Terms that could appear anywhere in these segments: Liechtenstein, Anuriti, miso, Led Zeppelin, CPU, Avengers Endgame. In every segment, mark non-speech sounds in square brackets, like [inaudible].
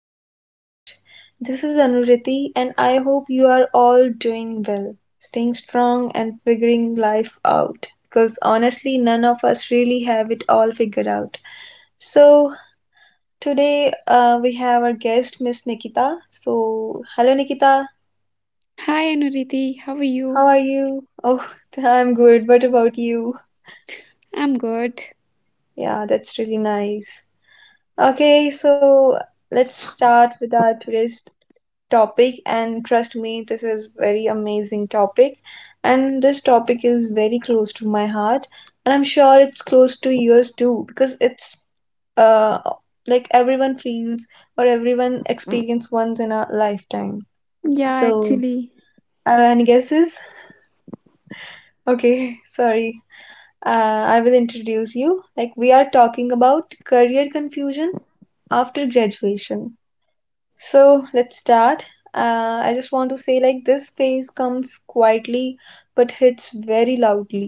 the podcast. This is Anuriti, and I hope you are all doing well, staying strong, and figuring life out because honestly, none of us really have it all figured out. So, today we have our guest, Miss Nikita. So, hello, Nikita, Hi Anuriti, how are you? how are you? Oh, [laughs] I'm good. What about you? I'm good. Yeah, that's really nice. Okay, so let's start with our today's topic, and trust me, this is very amazing topic, and this topic is very close to my heart, and I'm sure it's close to yours too because it's uh like everyone feels or everyone experience once in a lifetime. Yeah, So actually, any guesses? Okay, [laughs] sorry. I will introduce you, like, we are talking about career confusion after graduation. So let's start. I just want to say, like, this phase comes quietly but hits very loudly.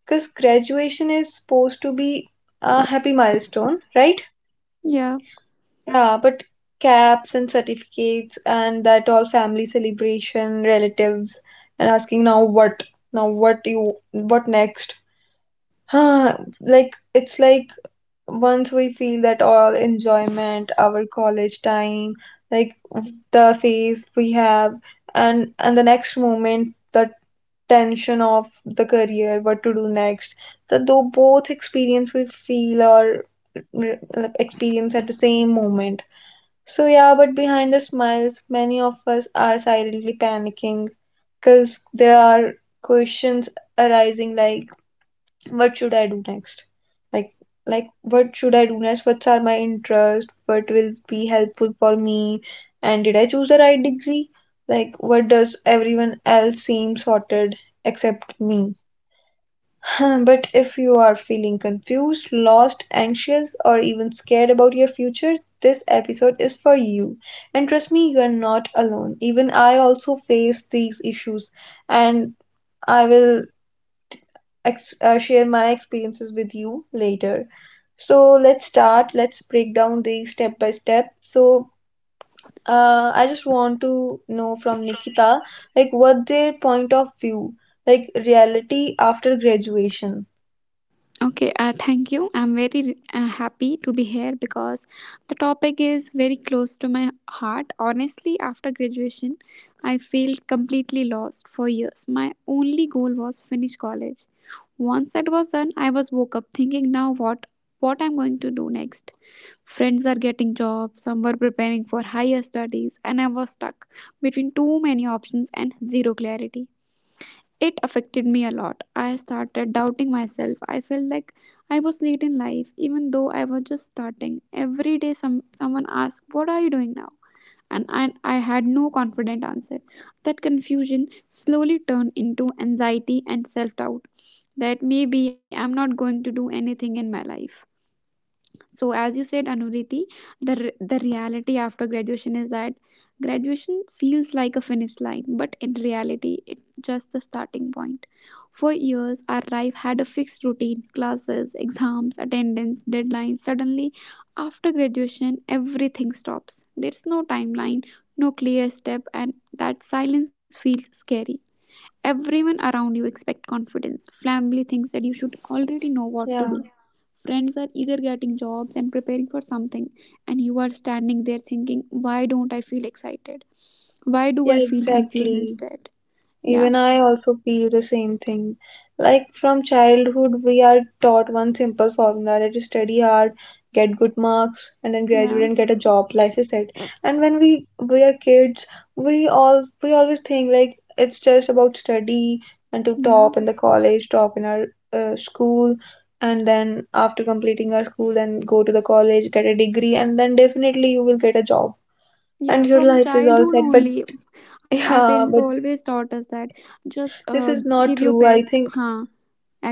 Because graduation is supposed to be a happy milestone, right? yeah. Yeah, but caps and certificates and that all family celebration, relatives, and asking now what? Now what you what next? [sighs] Huh, like it's like once we feel that all enjoyment our college time, like the phase we have, and the next moment the tension of the career, what to do next. So though both experience we feel or experience at the same moment. So yeah, but behind the smiles many of us are silently panicking because there are questions arising like what should I do next. Like, like, what should I do next? What are my interests? What will be helpful for me? And did I choose the right degree? Like, what does everyone else seem sorted except me? [laughs] [sighs] But if you are feeling confused, lost, anxious, or even scared about your future, this episode is for you, and trust me, you are not alone. Even I also face these issues. And I will share my experiences with you later. So let's start. Let's break down these step by step. So I just want to know from Nikita, like what their point of view, like reality after graduation. Okay, thank you. I'm very happy to be here because the topic is very close to my heart. Honestly, after graduation, I felt completely lost for years. My only goal was finish college. Once that was done, I was woke up thinking now what I'm going to do next. Friends are getting jobs, some were preparing for higher studies, and I was stuck between too many options and zero clarity. It affected me a lot. I started doubting myself. I felt like I was late in life, even though I was just starting. Every day, someone asked, what are you doing now? And I had no confident answer. That confusion slowly turned into anxiety and self doubt that maybe I'm not going to do anything in my life. So as you said, Anuriti, the the reality after graduation is that graduation feels like a finish line, but in reality, it's just the starting point. For years, our life had a fixed routine: classes, exams, attendance, deadlines. Suddenly, after graduation, everything stops. There's no timeline, no clear step, and that silence feels scary. Everyone around you expect confidence. Family thinks that you should already know what to Yeah, do. Friends are either getting jobs and preparing for something, and you are standing there thinking, why don't I feel excited? Why do yeah, I feel confused exactly. instead? Yeah, Even I also feel the same thing. Like from childhood, we are taught one simple formula, that is study hard, get good marks, and then yeah, graduate and get a job. Life is set. And when we are kids, we always think like it's just about study and to yeah. top in the college, top in our school, and then after completing our school, then go to the college, get a degree, and then definitely you will get a job, and Yeah, your from life is all childhood set. But only, [laughs] our parents yeah, but always taught us that just this is give not your true. I best. think Huh,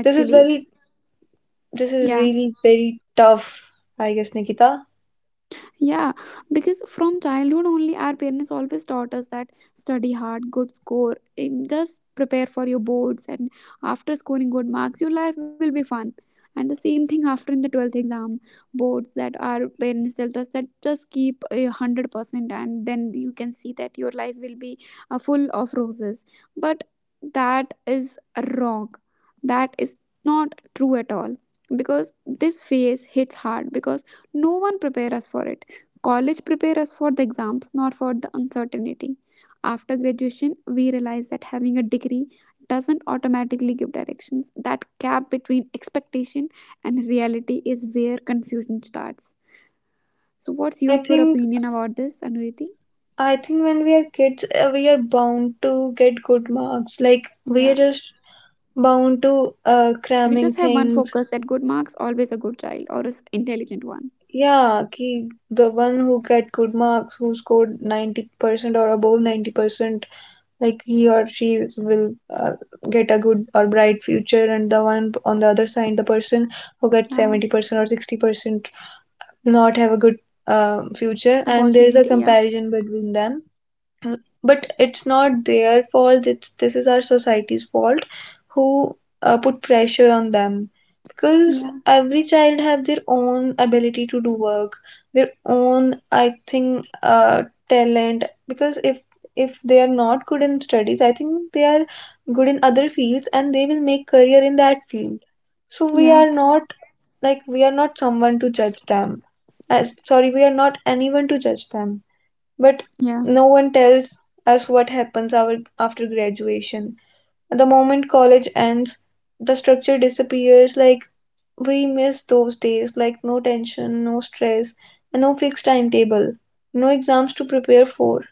this is very, this is yeah. really very tough, I guess, Nikita. Yeah, because from childhood only, our parents always taught us that study hard, good score, just prepare for your boards, and after scoring good marks, your life will be fun. And the same thing after in the 12th exam boards that our parents tells us that just keep 100%, and then you can see that your life will be full of roses. But that is wrong. That is not true at all because this phase hits hard because no one prepares us for it. College prepares us for the exams, not for the uncertainty. After graduation, we realize that having a degree doesn't automatically give directions. That gap between expectation and reality is where confusion starts. So, Yeah, what's your I think, opinion about this, Anuriti? I think when we are kids, we are bound to get good marks. Like we Yeah. are just bound to We just cramming have one things. focus that good marks, always a good child or is intelligent one. Yeah, ki the one who get good marks, who scored 90% or above 90%, like he or she will get a good or bright future, and the one on the other side, the person who gets Yeah. 70% or 60%, not have a good future, and there is a Opportunity, yeah. comparison between them. Mm, but it's not their fault. It's, this is our society's fault, who put pressure on them, because Yeah. every child have their own ability to do work, their own, I think, talent. Because if they are not good in studies, I think they are good in other fields and they will make career in that field. So we Yeah. are not, like, we are not someone to judge them. uh, Sorry, we are not anyone to judge them. But Yeah. no one tells us what happens our, after graduation. The moment college ends, the structure disappears. Like, we miss those days, like no tension, no stress, and no fixed timetable, no exams to prepare for,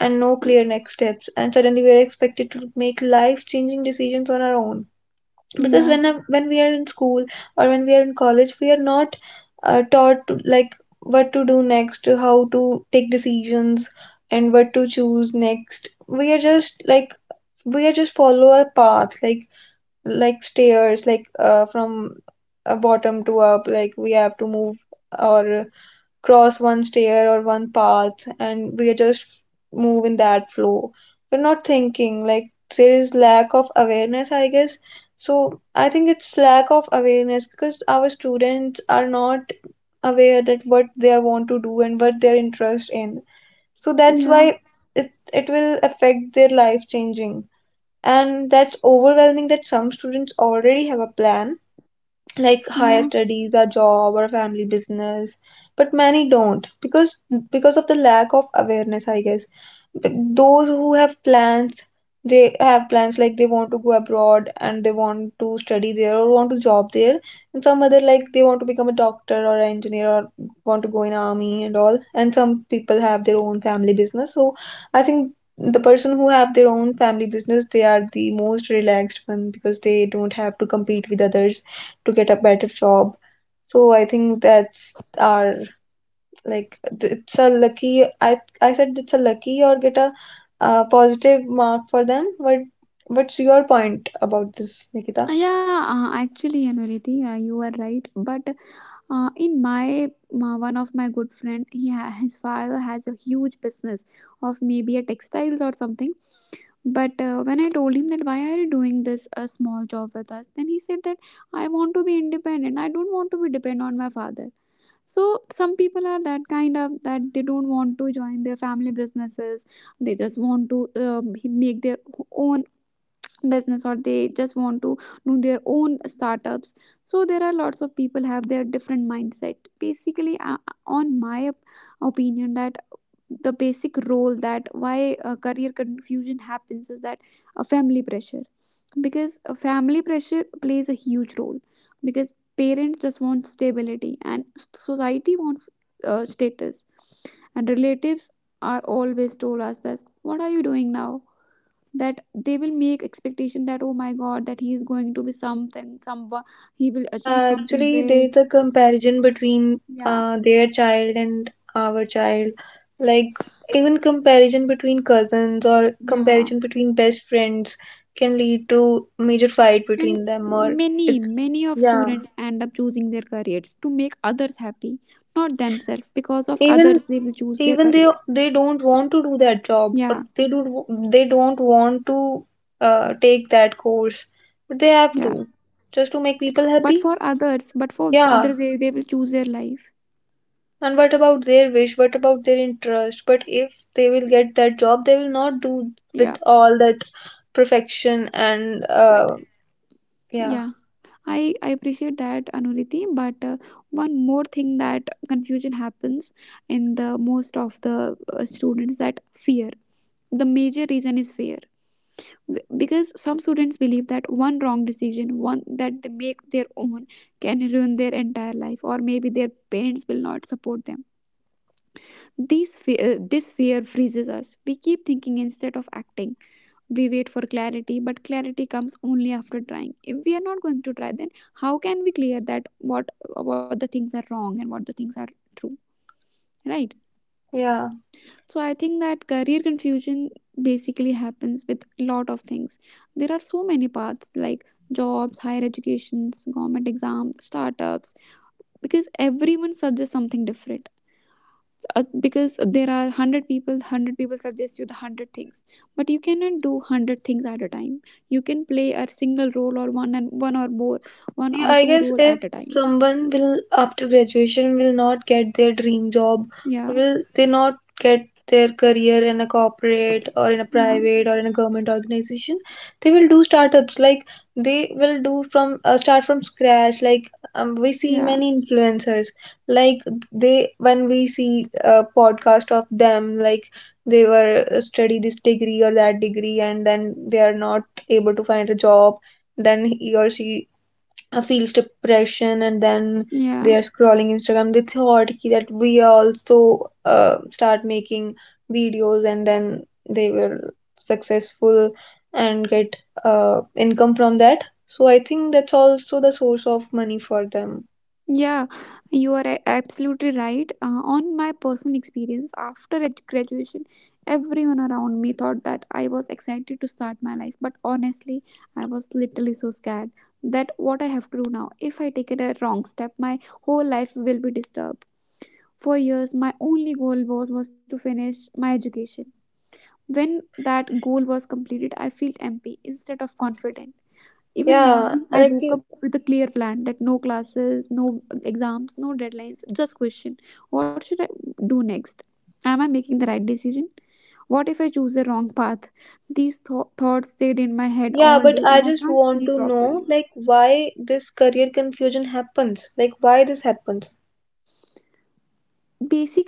and no clear next steps. And suddenly we are expected to make life changing decisions on our own, because Yeah. When we are in school or when we are in college, we are not taught to, like, what to do next, how to take decisions, and what to choose next. We are just like, we are just follow a path, like stairs, like from a bottom to up, like we have to move or cross one stair or one path, and we are just move in that flow. We're not thinking, like, there is lack of awareness, I guess. So I think it's lack of awareness because our students are not aware that what they are want to do and what they're interested in. So that's Yeah. why it will affect their life changing. And that's overwhelming that some students already have a plan, like higher Yeah. studies, a job, or a family business, but many don't, because of the lack of awareness, I guess. But those who have plans, they have plans like they want to go abroad and they want to study there or want to job there, and some other, like they want to become a doctor or an engineer or want to go in army and all, and some people have their own family business. So I think the person who have their own family business, they are the most relaxed one, because they don't have to compete with others to get a better job. So I think that's our, like, it's a lucky, i I said, it's a lucky or get a positive mark for them. But what's your point about this, Nikita? yeah, actually, Anuriti, you are right. But in my one of my good friend, he his father has a huge business of maybe a textiles or something. But when I told him that why are you doing this a small job with us, then he said that I want to be independent. I don't want to be dependent on my father. So some people are that kind of that they don't want to join their family businesses. They just want to make their own business or they just want to do their own startups. So there are lots of people have their different mindset, basically, on my opinion that the basic role that why career confusion happens is that a family pressure, because a family pressure plays a huge role because parents just want stability and society wants status, and relatives are always told us that what are you doing now, that they will make expectation that, oh my god, that he is going to be something, some he will achieve Yeah, something actually big. there's a comparison between Yeah, their child and our child, like even comparison between cousins or yeah. comparison between best friends can lead to major fight And between them or many it's. many of Yeah, students end up choosing their careers to make others happy, not themselves. Because of even, others they will choose their even they career. they don't want to do that job or Yeah, they do, they don't want to take that course, but they yeah. have to, just to make people But for happy. others, but for Yeah. others they will choose their life. And what about their wish? What about their interest? But if they will get that job, they will not do Yeah, with all that perfection and but yeah, yeah, I appreciate that, Anuriti. But one more thing that confusion happens in the most of the students that fear. The major reason is fear. Because some students believe that one wrong decision, one that they make their own, can ruin their entire life, or maybe their parents will not support them. This fear freezes us. We keep thinking instead of acting. We wait for clarity, but clarity comes only after trying. If we are not going to try, then how can we clear that what the things are wrong and what the things are true, right? yeah. So I think that career confusion basically happens with a lot of things. There are so many paths like jobs, higher educations, government exams, startups, because everyone suggests something different. Because there are 100 people, 100 people suggest you the 100 things, but you cannot do 100 things at a time. You can play a single role, or one and one or more, one Yeah, or I two guess role if at a time. someone will after graduation will not get their dream job, Yeah, will they not get their career in a corporate or in a yeah, private or in a government organization? They will do startups, like they will do from start from scratch. Like we see yeah, many influencers, like, they, when we see a podcast of them, like, they were study this degree or that degree, and then they are not able to find a job, then he or she feels depression, and then yeah. they are scrolling Instagram, they thought ki that we also start making videos, and then they will successful and get uh, income from that. So I think that's also the source of money for them. Yeah, you are absolutely right. On my personal experience, after graduation, everyone around me thought that I was excited to start my life, but honestly, I was literally so scared that what I have to do now, if I take a wrong step, my whole life will be disturbed. For years, my only goal was to finish my education. When that goal was completed, I felt empty instead of confident. Yeah, Even like morning, I you-, woke up with a clear plan that no classes, no exams, no deadlines, just question. What should I do next? Am I making the right decision? What if I choose the wrong path? These thoughts stayed in my head yeah, all but day I and I just can't want sleep to know, properly. like why this career confusion happens, like why this happens.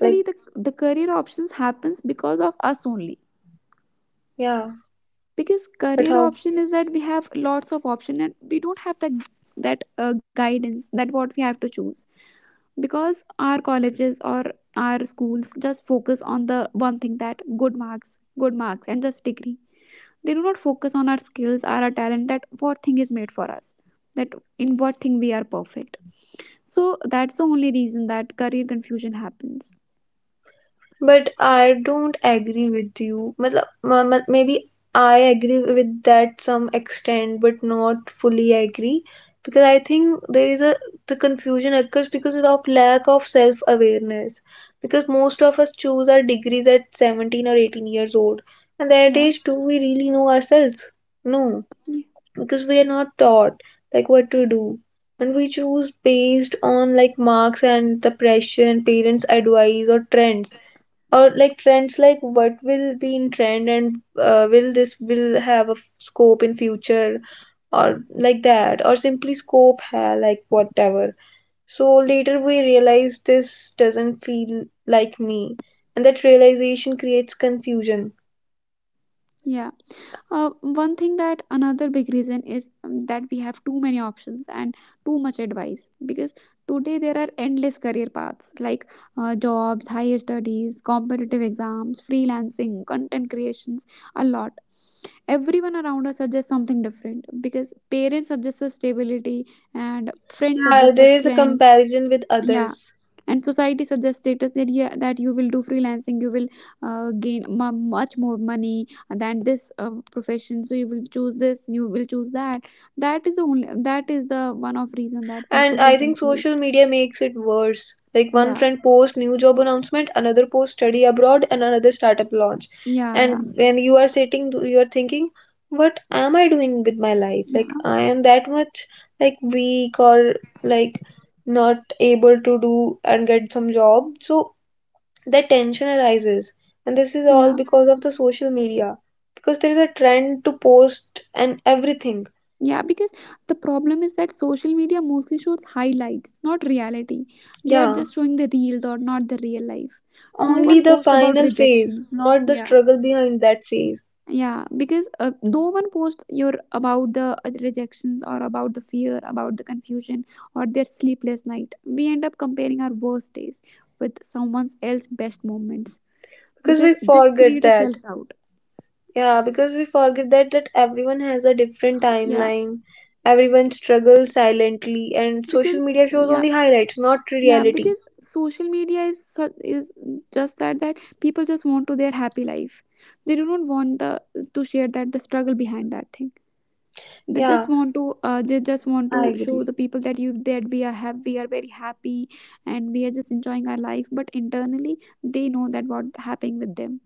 Like, the career options happens because of us only. yeah, Because but career how. option is that we have lots of option and we don't have that guidance that what we have to choose. Because our colleges or our schools just focus on the one thing that good marks and just degree. They do not focus on our skills or our talent that what thing is made for us, that in what thing we are perfect. So that's the only reason that career confusion happens. But I don't agree with you. मतलब Maybe I agree with that some extent, but not fully agree, because I think there is a, the confusion occurs because of lack of self awareness. Because most of us choose our degrees at 17 or 18 years old, and that Yeah. age do we really know ourselves? No, because we are not taught, like, what to do. And we choose based on like marks and the pressure and parents' advice or trends, or like trends, like what will be in trend and will this will have a scope in future, or like that, or simply scope ha, like whatever. So later we realize this doesn't feel like me, and that realization creates confusion. Yeah. One thing that another big reason is that we have too many options and too much advice, because today there are endless career paths like jobs, higher studies, competitive exams, freelancing, content creations, a lot. Everyone around us suggests something different because parents suggest a stability and friends Yeah, suggest a there is a trend. comparison with Yeah. others. And society suggests status, that, yeah, that you will do freelancing, you will gain mu much more money than this profession. So you will choose this, you will choose that. That is the only, that is the one of reason that And people will I think social confused. media makes it worse. Like Yeah, one friend posts new job announcement, another posts study abroad, and another startup launch. yeah, yeah, And when you are sitting, you are thinking, what am I doing with my life? yeah, Like I am that much, like weak, or like not able to do and get some job. So that tension arises. And this is all yeah, because of the social media. Because there is a trend to post and everything. yeah. Because the problem is that social media mostly shows highlights, not reality. They are Yeah. just showing the reels or not the real life. No Only one the posts about final phase, rejections. not the Yeah. struggle behind that phase. Yeah, because no one posts your about the rejections or about the fear, about the confusion or their sleepless night. We end up comparing our worst days with someone else's best moments Because because we this forget create a that. self doubt. Yeah, because we forget that that everyone has a different Yeah, timeline. Everyone struggles silently, and social because media shows yeah, only highlights, not yeah, reality. because social media is just that that people just want to their happy life. They do not want the to share that the struggle behind that thing. They just Yeah, want to they just want to I show agree. the people that you that we are have we are very happy and we are just enjoying our life, but internally they know that what happening with them.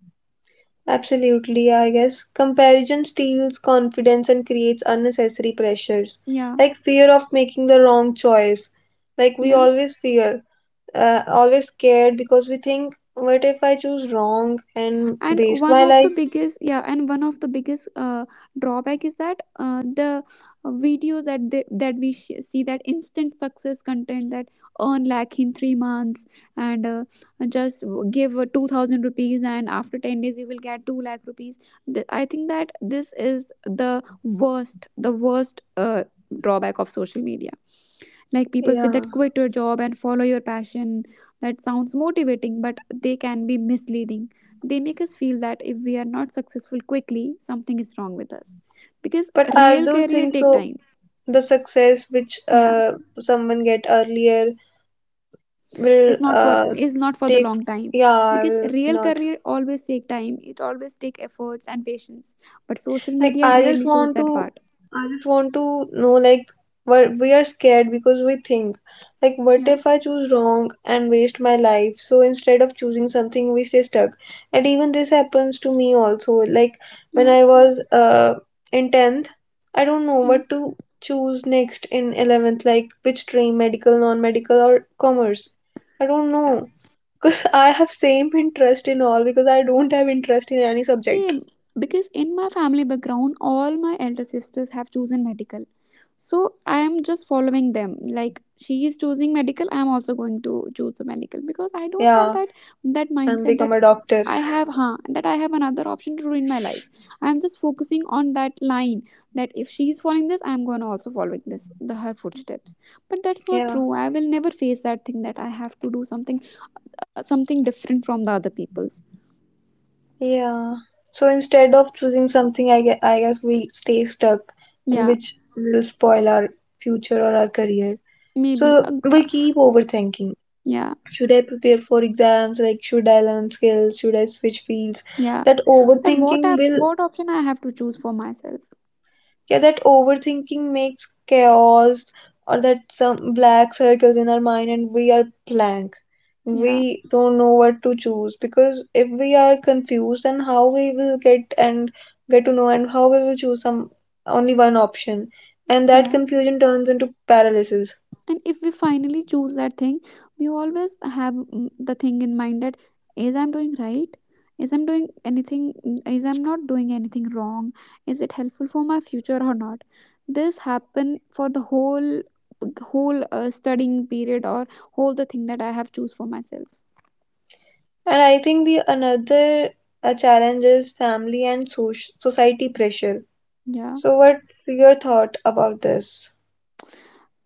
Absolutely, I guess. Comparison steals confidence and creates unnecessary pressures. Yeah, Like fear of making the wrong choice. Like we yeah. always fear, always scared, because we think, what if I choose wrong and And waste one my of the life? biggest, yeah, and one of the biggest drawback is that the video that we see that instant success content that earn lakh in 3 months and just give 2000 rupees and after 10 days you will get 2 lakh rupees. I think that this is the worst, the worst drawback of social media. Like people say Yeah, that quit your job and follow your passion. That sounds motivating, but they can be misleading. They make us feel that if we are not successful quickly, something is wrong with us. Because but I real don't career think take so. time. The success which Yeah, someone get earlier will it's not for, it's not for the take. long time, Yeah, I because will real not. career always take time. It always take efforts and patience. But social Like media I just rarely shows want that to part. I just want to know, like, what we are scared, because we think, like, what Yeah, if I choose wrong and waste my life? So instead of choosing something, we stay stuck. And even this happens to me also. Like when yeah, I was in 10th, I don't know yeah. what to choose next in 11th, like which stream, medical, non-medical, or commerce. I don't know [laughs] because I have same interest in all, because I don't have interest in any subject. Same, because in my family background, all my elder sisters have chosen medical. So I am just following them. Like she is choosing medical, I am also going to choose the medical because I don't have Yeah, that, that and mindset become that a doctor. I have, huh, that I have another option to do in my life. I am just focusing on that line that if she is following this, I am going to also following this the her footsteps. But that's not Yeah, true. I will never face that thing that I have to do something something different from the other people's. yeah. So instead of choosing something, I guess we stay stuck, and Yeah, which will spoil our future or our career. maybe. So we keep overthinking. Yeah. Should I prepare for exams? Like, should I learn skills? Should I switch fields? Yeah. That And what overthinking app will, what option I have to choose for myself? yeah, that overthinking makes chaos, or that some black circles in our mind, and we are blank. Yeah. We don't know what to choose, because if we are confused, then how we will get and get to know, and how we will choose some only one option, and that Yeah. confusion turns into paralysis. And if we finally choose that thing, we always have the thing in mind that is I'm doing right? Is I'm doing anything is I'm not doing anything wrong? Is it helpful for my future or not? This happen for the whole studying period or whole the thing that I have choose for myself. And I think the another challenge is family and society pressure. Yeah. So what your thought about this?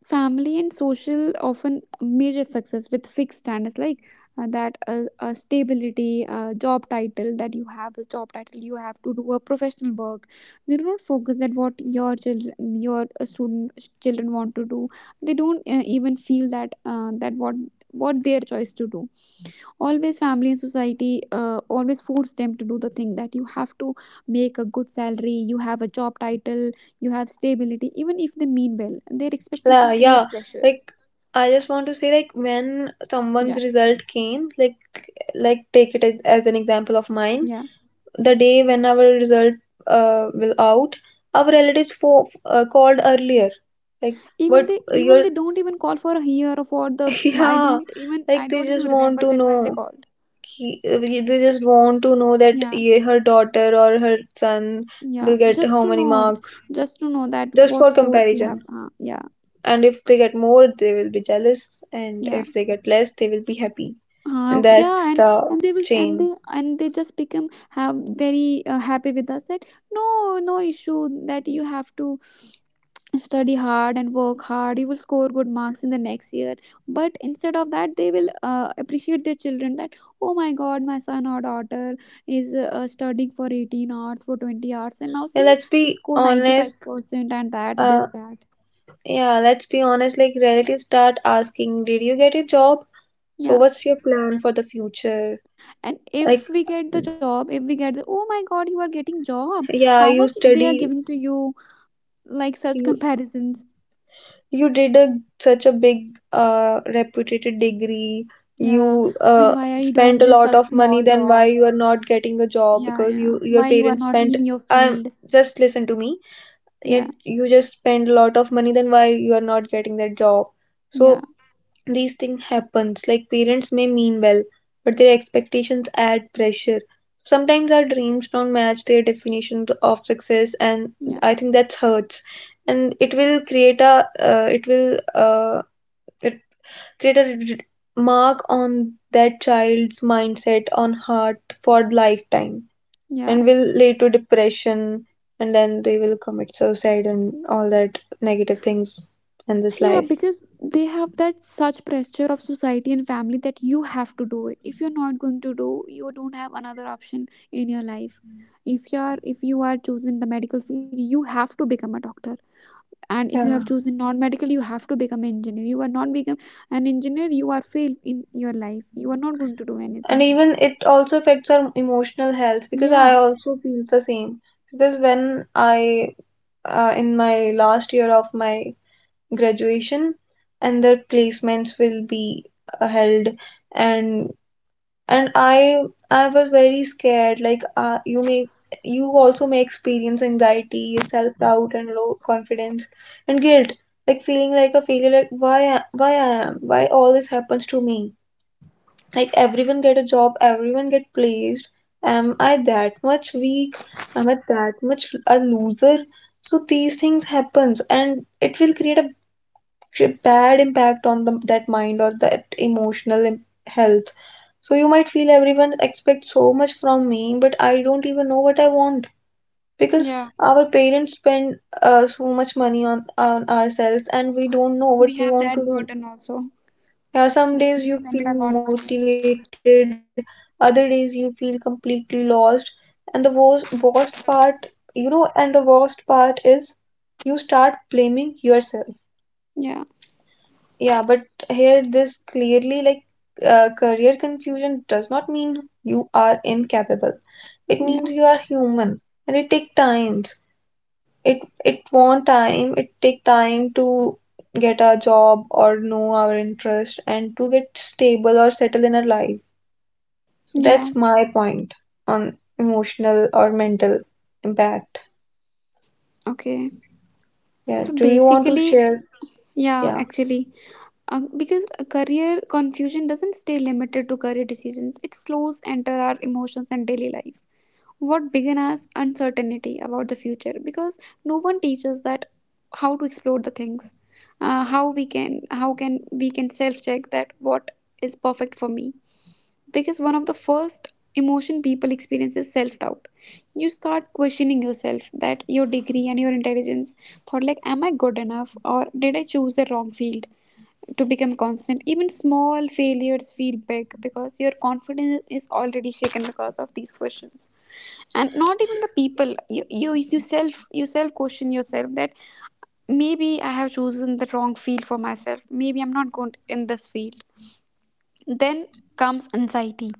Family and social often measure success with fixed standards like that stability, job title that you have, is job title you have to do a professional work. They do not focus at what your children, your student children want to do. They don't even feel that that what their choice to do. Always family and society, always force them to do the thing that you have to make a good salary, you have a job title, you have stability. Even if they mean well, their expectation Yeah, create pressures. like I just want to say, like, when someone's Yeah, result came, like, take it as an example of mine. yeah. The day when our result will out, our relatives for called earlier. Like, even but they even you're they don't even call for a year or for the, [laughs] i yeah, don't even like i they don't even just want remember to that when they know. called. They just want to know that, Yeah, yeah, her daughter or her son yeah, will get just how to many know, marks, just to know that just what for scores you have, comparison. Yeah, And if they get more, they will be jealous, and yeah. if they get less, they will be happy, and that's Yeah, the and they was chain. And they just become have very happy with us that no, no issue that you have to study hard and work hard, you will score good marks in the next year. But instead of that they will appreciate their children that oh my god, my son or daughter is studying for 18 hours, for 20 hours, and now Yeah, see let's she be scored honest. 95% and that, uh this, that. Like relatives start asking, did you get a job? So Yeah, what's your plan for the future? and Like, if we get the job, if we get the, oh my god, you are getting job, yeah, how you much they are study, giving to you, like such you comparisons. you did a such a big reputed degree. Yeah, You then uh why are you doing spent a this lot such of money, small then why job? you are not getting a job, Yeah, because yeah, you, your why you are parents not spent in your um field? just listen to me. Yet Yeah, you just spend a lot of money, then why you are not getting that job? yeah, So these things happens. Like, parents may mean well, but their expectations add pressure. Sometimes our dreams don't match their definitions of success, and yeah, I think that hurts. And it will create a, it will, it create a mark on that child's mindset, on heart, for lifetime, yeah, and will lead to depression, and then they will commit suicide and all that negative things in this yeah, life. because they have that such pressure of society and family that you have to do it. If you're not going to do, you don't have another option in your life. If you are, if you are chosen the medical field, you have to become a doctor. And if you have Yeah. chosen non-medical, you have to become an engineer. You are not become an engineer, you are failed in your life, you are not going to do And anything. even it also affects our emotional health, because I Yeah. also feel the same. Because when I, in my last year of my graduation, and the placements will be held, and and I was very scared. Like, you also may experience anxiety, self doubt, and low confidence, and guilt. Like, feeling like a failure. Like, why I am, why all this happens to me? Like everyone get a job, everyone get placed. Am I that much weak? Am I that much a loser? So these things happens, and it will create a bad impact on that mind, or that emotional health. So you might feel everyone expects so much from me, but I don't even know what I want, because Yeah, our parents spend so much money on, ourselves, and we don't know what we we have want to that do. burden also Yeah, some that we days have you feel spent a lot money. motivated, other days you feel completely lost, and the worst, worst part, and the worst part is, you start blaming yourself. Yeah, Yeah, but here this clearly, like, career confusion does not mean you are incapable. It yeah. means you are human, and it take times. It it want time, it take time to get a job, or know our interest, and to get stable or settle in our life. So Yeah. that's my point on emotional or mental impact. Okay. Yeah, So do you want to basically, share? yeah, Yeah. actually, because a career confusion doesn't stay limited to career decisions, it slows enter our emotions and daily life. What began as uncertainty about the future, because no one teaches that how to explore the things, how we can how can we can self check that what is perfect for me. Because one of the first emotion people experience is self doubt. You start questioning yourself, that your degree and your intelligence, thought like am I good enough or did I choose the wrong field, to become constant. Even small failures feel big because your confidence is already shaken because of these questions. And not even the people, you self question yourself that maybe I have chosen the wrong field for myself, maybe I'm not good in this field. Then comes anxiety,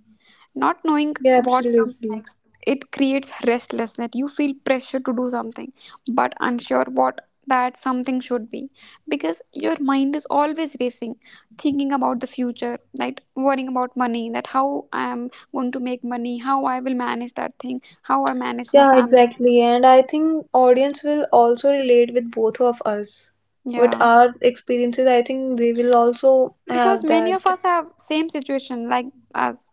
not knowing Yeah, what comes absolutely. next. It creates restlessness. You feel pressure to do something, but unsure what that something should be, because your mind is always racing thinking about the future, like worrying about money, that how I am going to make money, how I will manage that thing, how I manage my Yeah, family. exactly. And I think audience will also relate with both of us. What Yeah, our experiences, I think they will also because have many that. of us have same situation like us.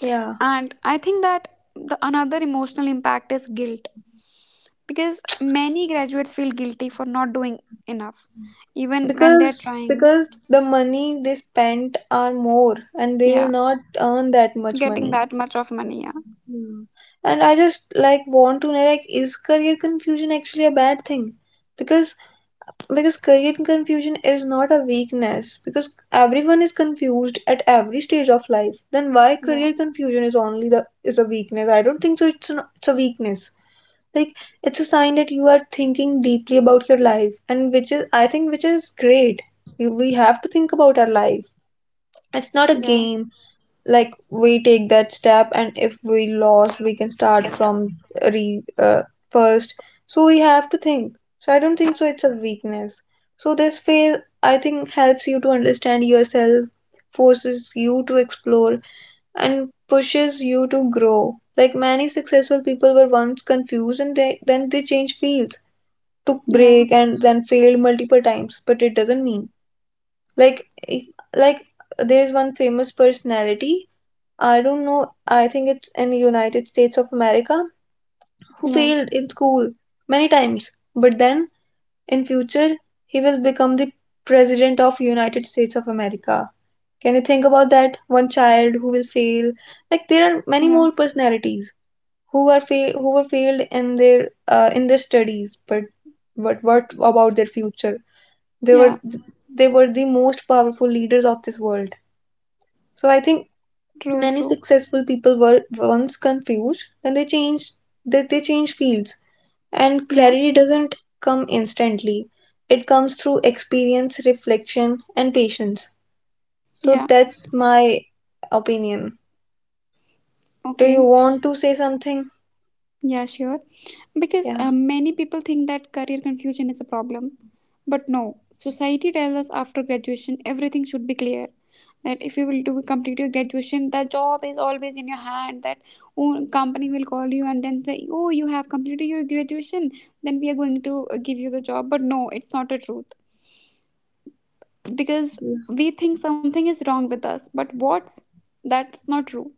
Yeah. And I think that the another emotional impact is guilt, because many graduates feel guilty for not doing enough even when they're Because trying. because the money they spent are more, and they will Yeah, not earn that much getting money. that much of money. Hmm. And I just, like, want to know, like, is career confusion actually a bad thing? Because because career confusion is not a weakness, because everyone is confused at every stage of life. Then why Yeah, career confusion is only the is a weakness? I don't think so. It's a weakness. Like, it's a sign that you are thinking deeply about your life, and which is, I think, which is great. We have to think about our life. It's not a yeah, game. Like, we take that step, and if we lost, we can start from re first. So we have to think. So I don't think so it's a weakness. So this phase, I think, helps you to understand yourself, forces you to explore, and pushes you to grow. Like, many successful people were once confused, and they then they changed fields, took yeah, break, and then failed multiple times, but it doesn't mean, like if- like there's one famous personality, I don't know, I think it's in the United States of America, who yeah, yeah, failed in school many times, but then in future he will become the president of United States of America. Can you think about that? One child who will fail. Like, there are many yeah, more personalities who were failed in their studies, but what about their future? They yeah, were they were the most powerful leaders of this world. So I think, true, many true, successful people were once confused, then they change fields. And yeah, clarity doesn't come instantly. It comes through experience, reflection, and patience. So yeah. that's my opinion. Do you Okay. want to say something? Yeah, sure. Because Yeah. Many people think that career confusion is a problem. But no, society tells us after graduation everything should be clear. That if you will do complete your graduation, that job is always in your hand. That oh, company will call you and then say, "Oh, you have completed your graduation. Then we are going to give you the job." But no, it's not the truth, because we think something is wrong with us. But what's, that's not true,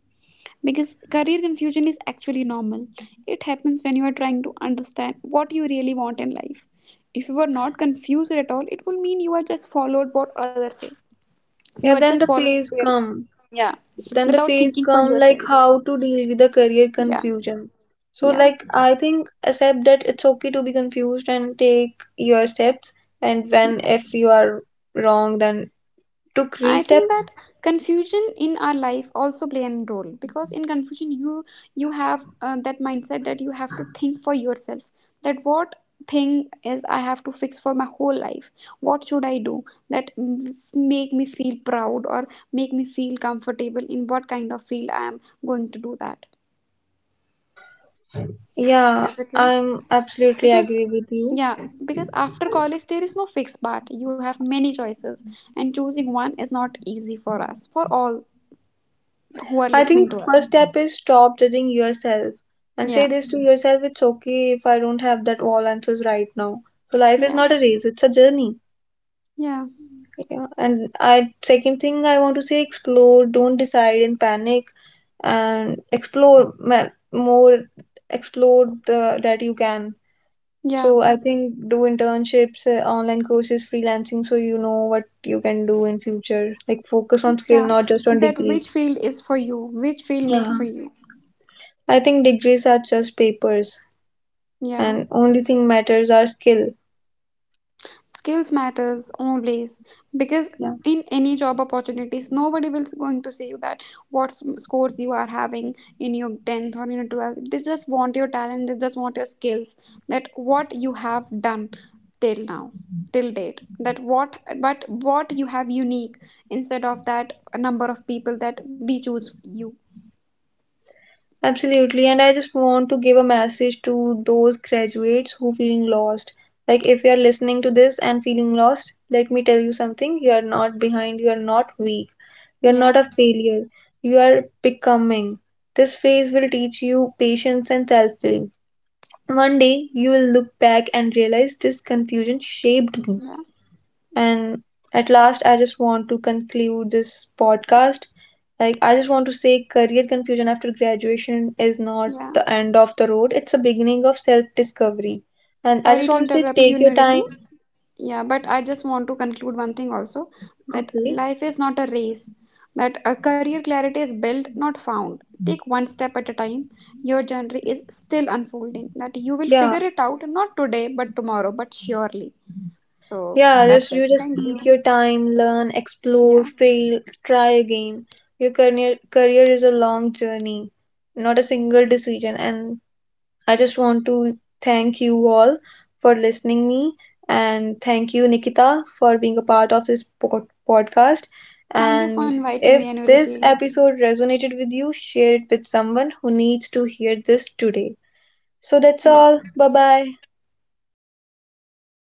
because career confusion is actually normal. It happens when you are trying to understand what you really want in life. If you are not confused at all, it will mean you are just followed what others say. You are Yeah, just then the following plays their, come. yeah, Then the without phase thinking for come, like, yourself. how to deal with the career Yeah, confusion. So, yeah, like, I think accept that it's okay to be confused, and take your steps, and when, yeah. if you are wrong, then took I re-step. think that confusion in our life also play a role, because in confusion you, you have that mindset that you have to think for yourself, that what thing is I have to fix for my whole life, what should I do, that make me feel proud or make me feel comfortable in what kind of field I am going to do that, Yeah, is it right? I'm absolutely Because, agree with you. yeah, because after college there is no fixed part, you have many choices, and choosing one is not easy for us, for all who are I listening think to us. first step is stop judging yourself, and say Yeah, this to yourself, it's okay if I don't have that all answers right now. So life is yeah, not a race, it's a journey. yeah, Yeah, and I, second thing I want to say, explore, don't decide in panic, and explore more. Explore the that you can. yeah, So I think do internships, online courses, freelancing, so you know what you can do in future. Like, focus on skill, yeah. not just on That degrees. which field is for you, which field made Yeah. for you. I think degrees are just papers, Yeah. and only thing matters are skill. Skills matters always, because Yeah. in any job opportunities, nobody will going to say you that what scores you are having in your 10th or in your 12th. They just want your talent, they just want your skills, that what you have done till now, till date, that what, but what you have unique instead of that number of people that we choose you. Absolutely. And I just want to give a message to those graduates who feeling lost. Like, if you are listening to this and feeling lost, let me tell you something. You are not behind, you are not weak. You are Yeah. not a failure. You are becoming. This phase will teach you patience and self-belief. One day you will look back and realize this confusion shaped me. Yeah. And at last, I just want to conclude this podcast. Like, I just want to say, career confusion after graduation is not Yeah, the end of the road, it's a beginning of self discovery. And I sorry just to want to say, interrupt you, take your Nuriti. time. Yeah, but I just want to conclude one thing also that Okay. life is not a race, that a career clarity is built, not found. Take one step at a time. Your journey is still unfolding, that you will Yeah. figure it out not today, but tomorrow, but surely. So Yeah, just that's it. you just Thank you. take your time, learn, explore, Yeah, fail, try again. Your career is a long journey, not a single decision. And I just want to thank you all for listening me, and thank you Nikita for being a part of this podcast, thank you for and inviting me, if this Nuriti. episode resonated with you, share it with someone who needs to hear this today. So Yeah, that's all. Bye bye. take care.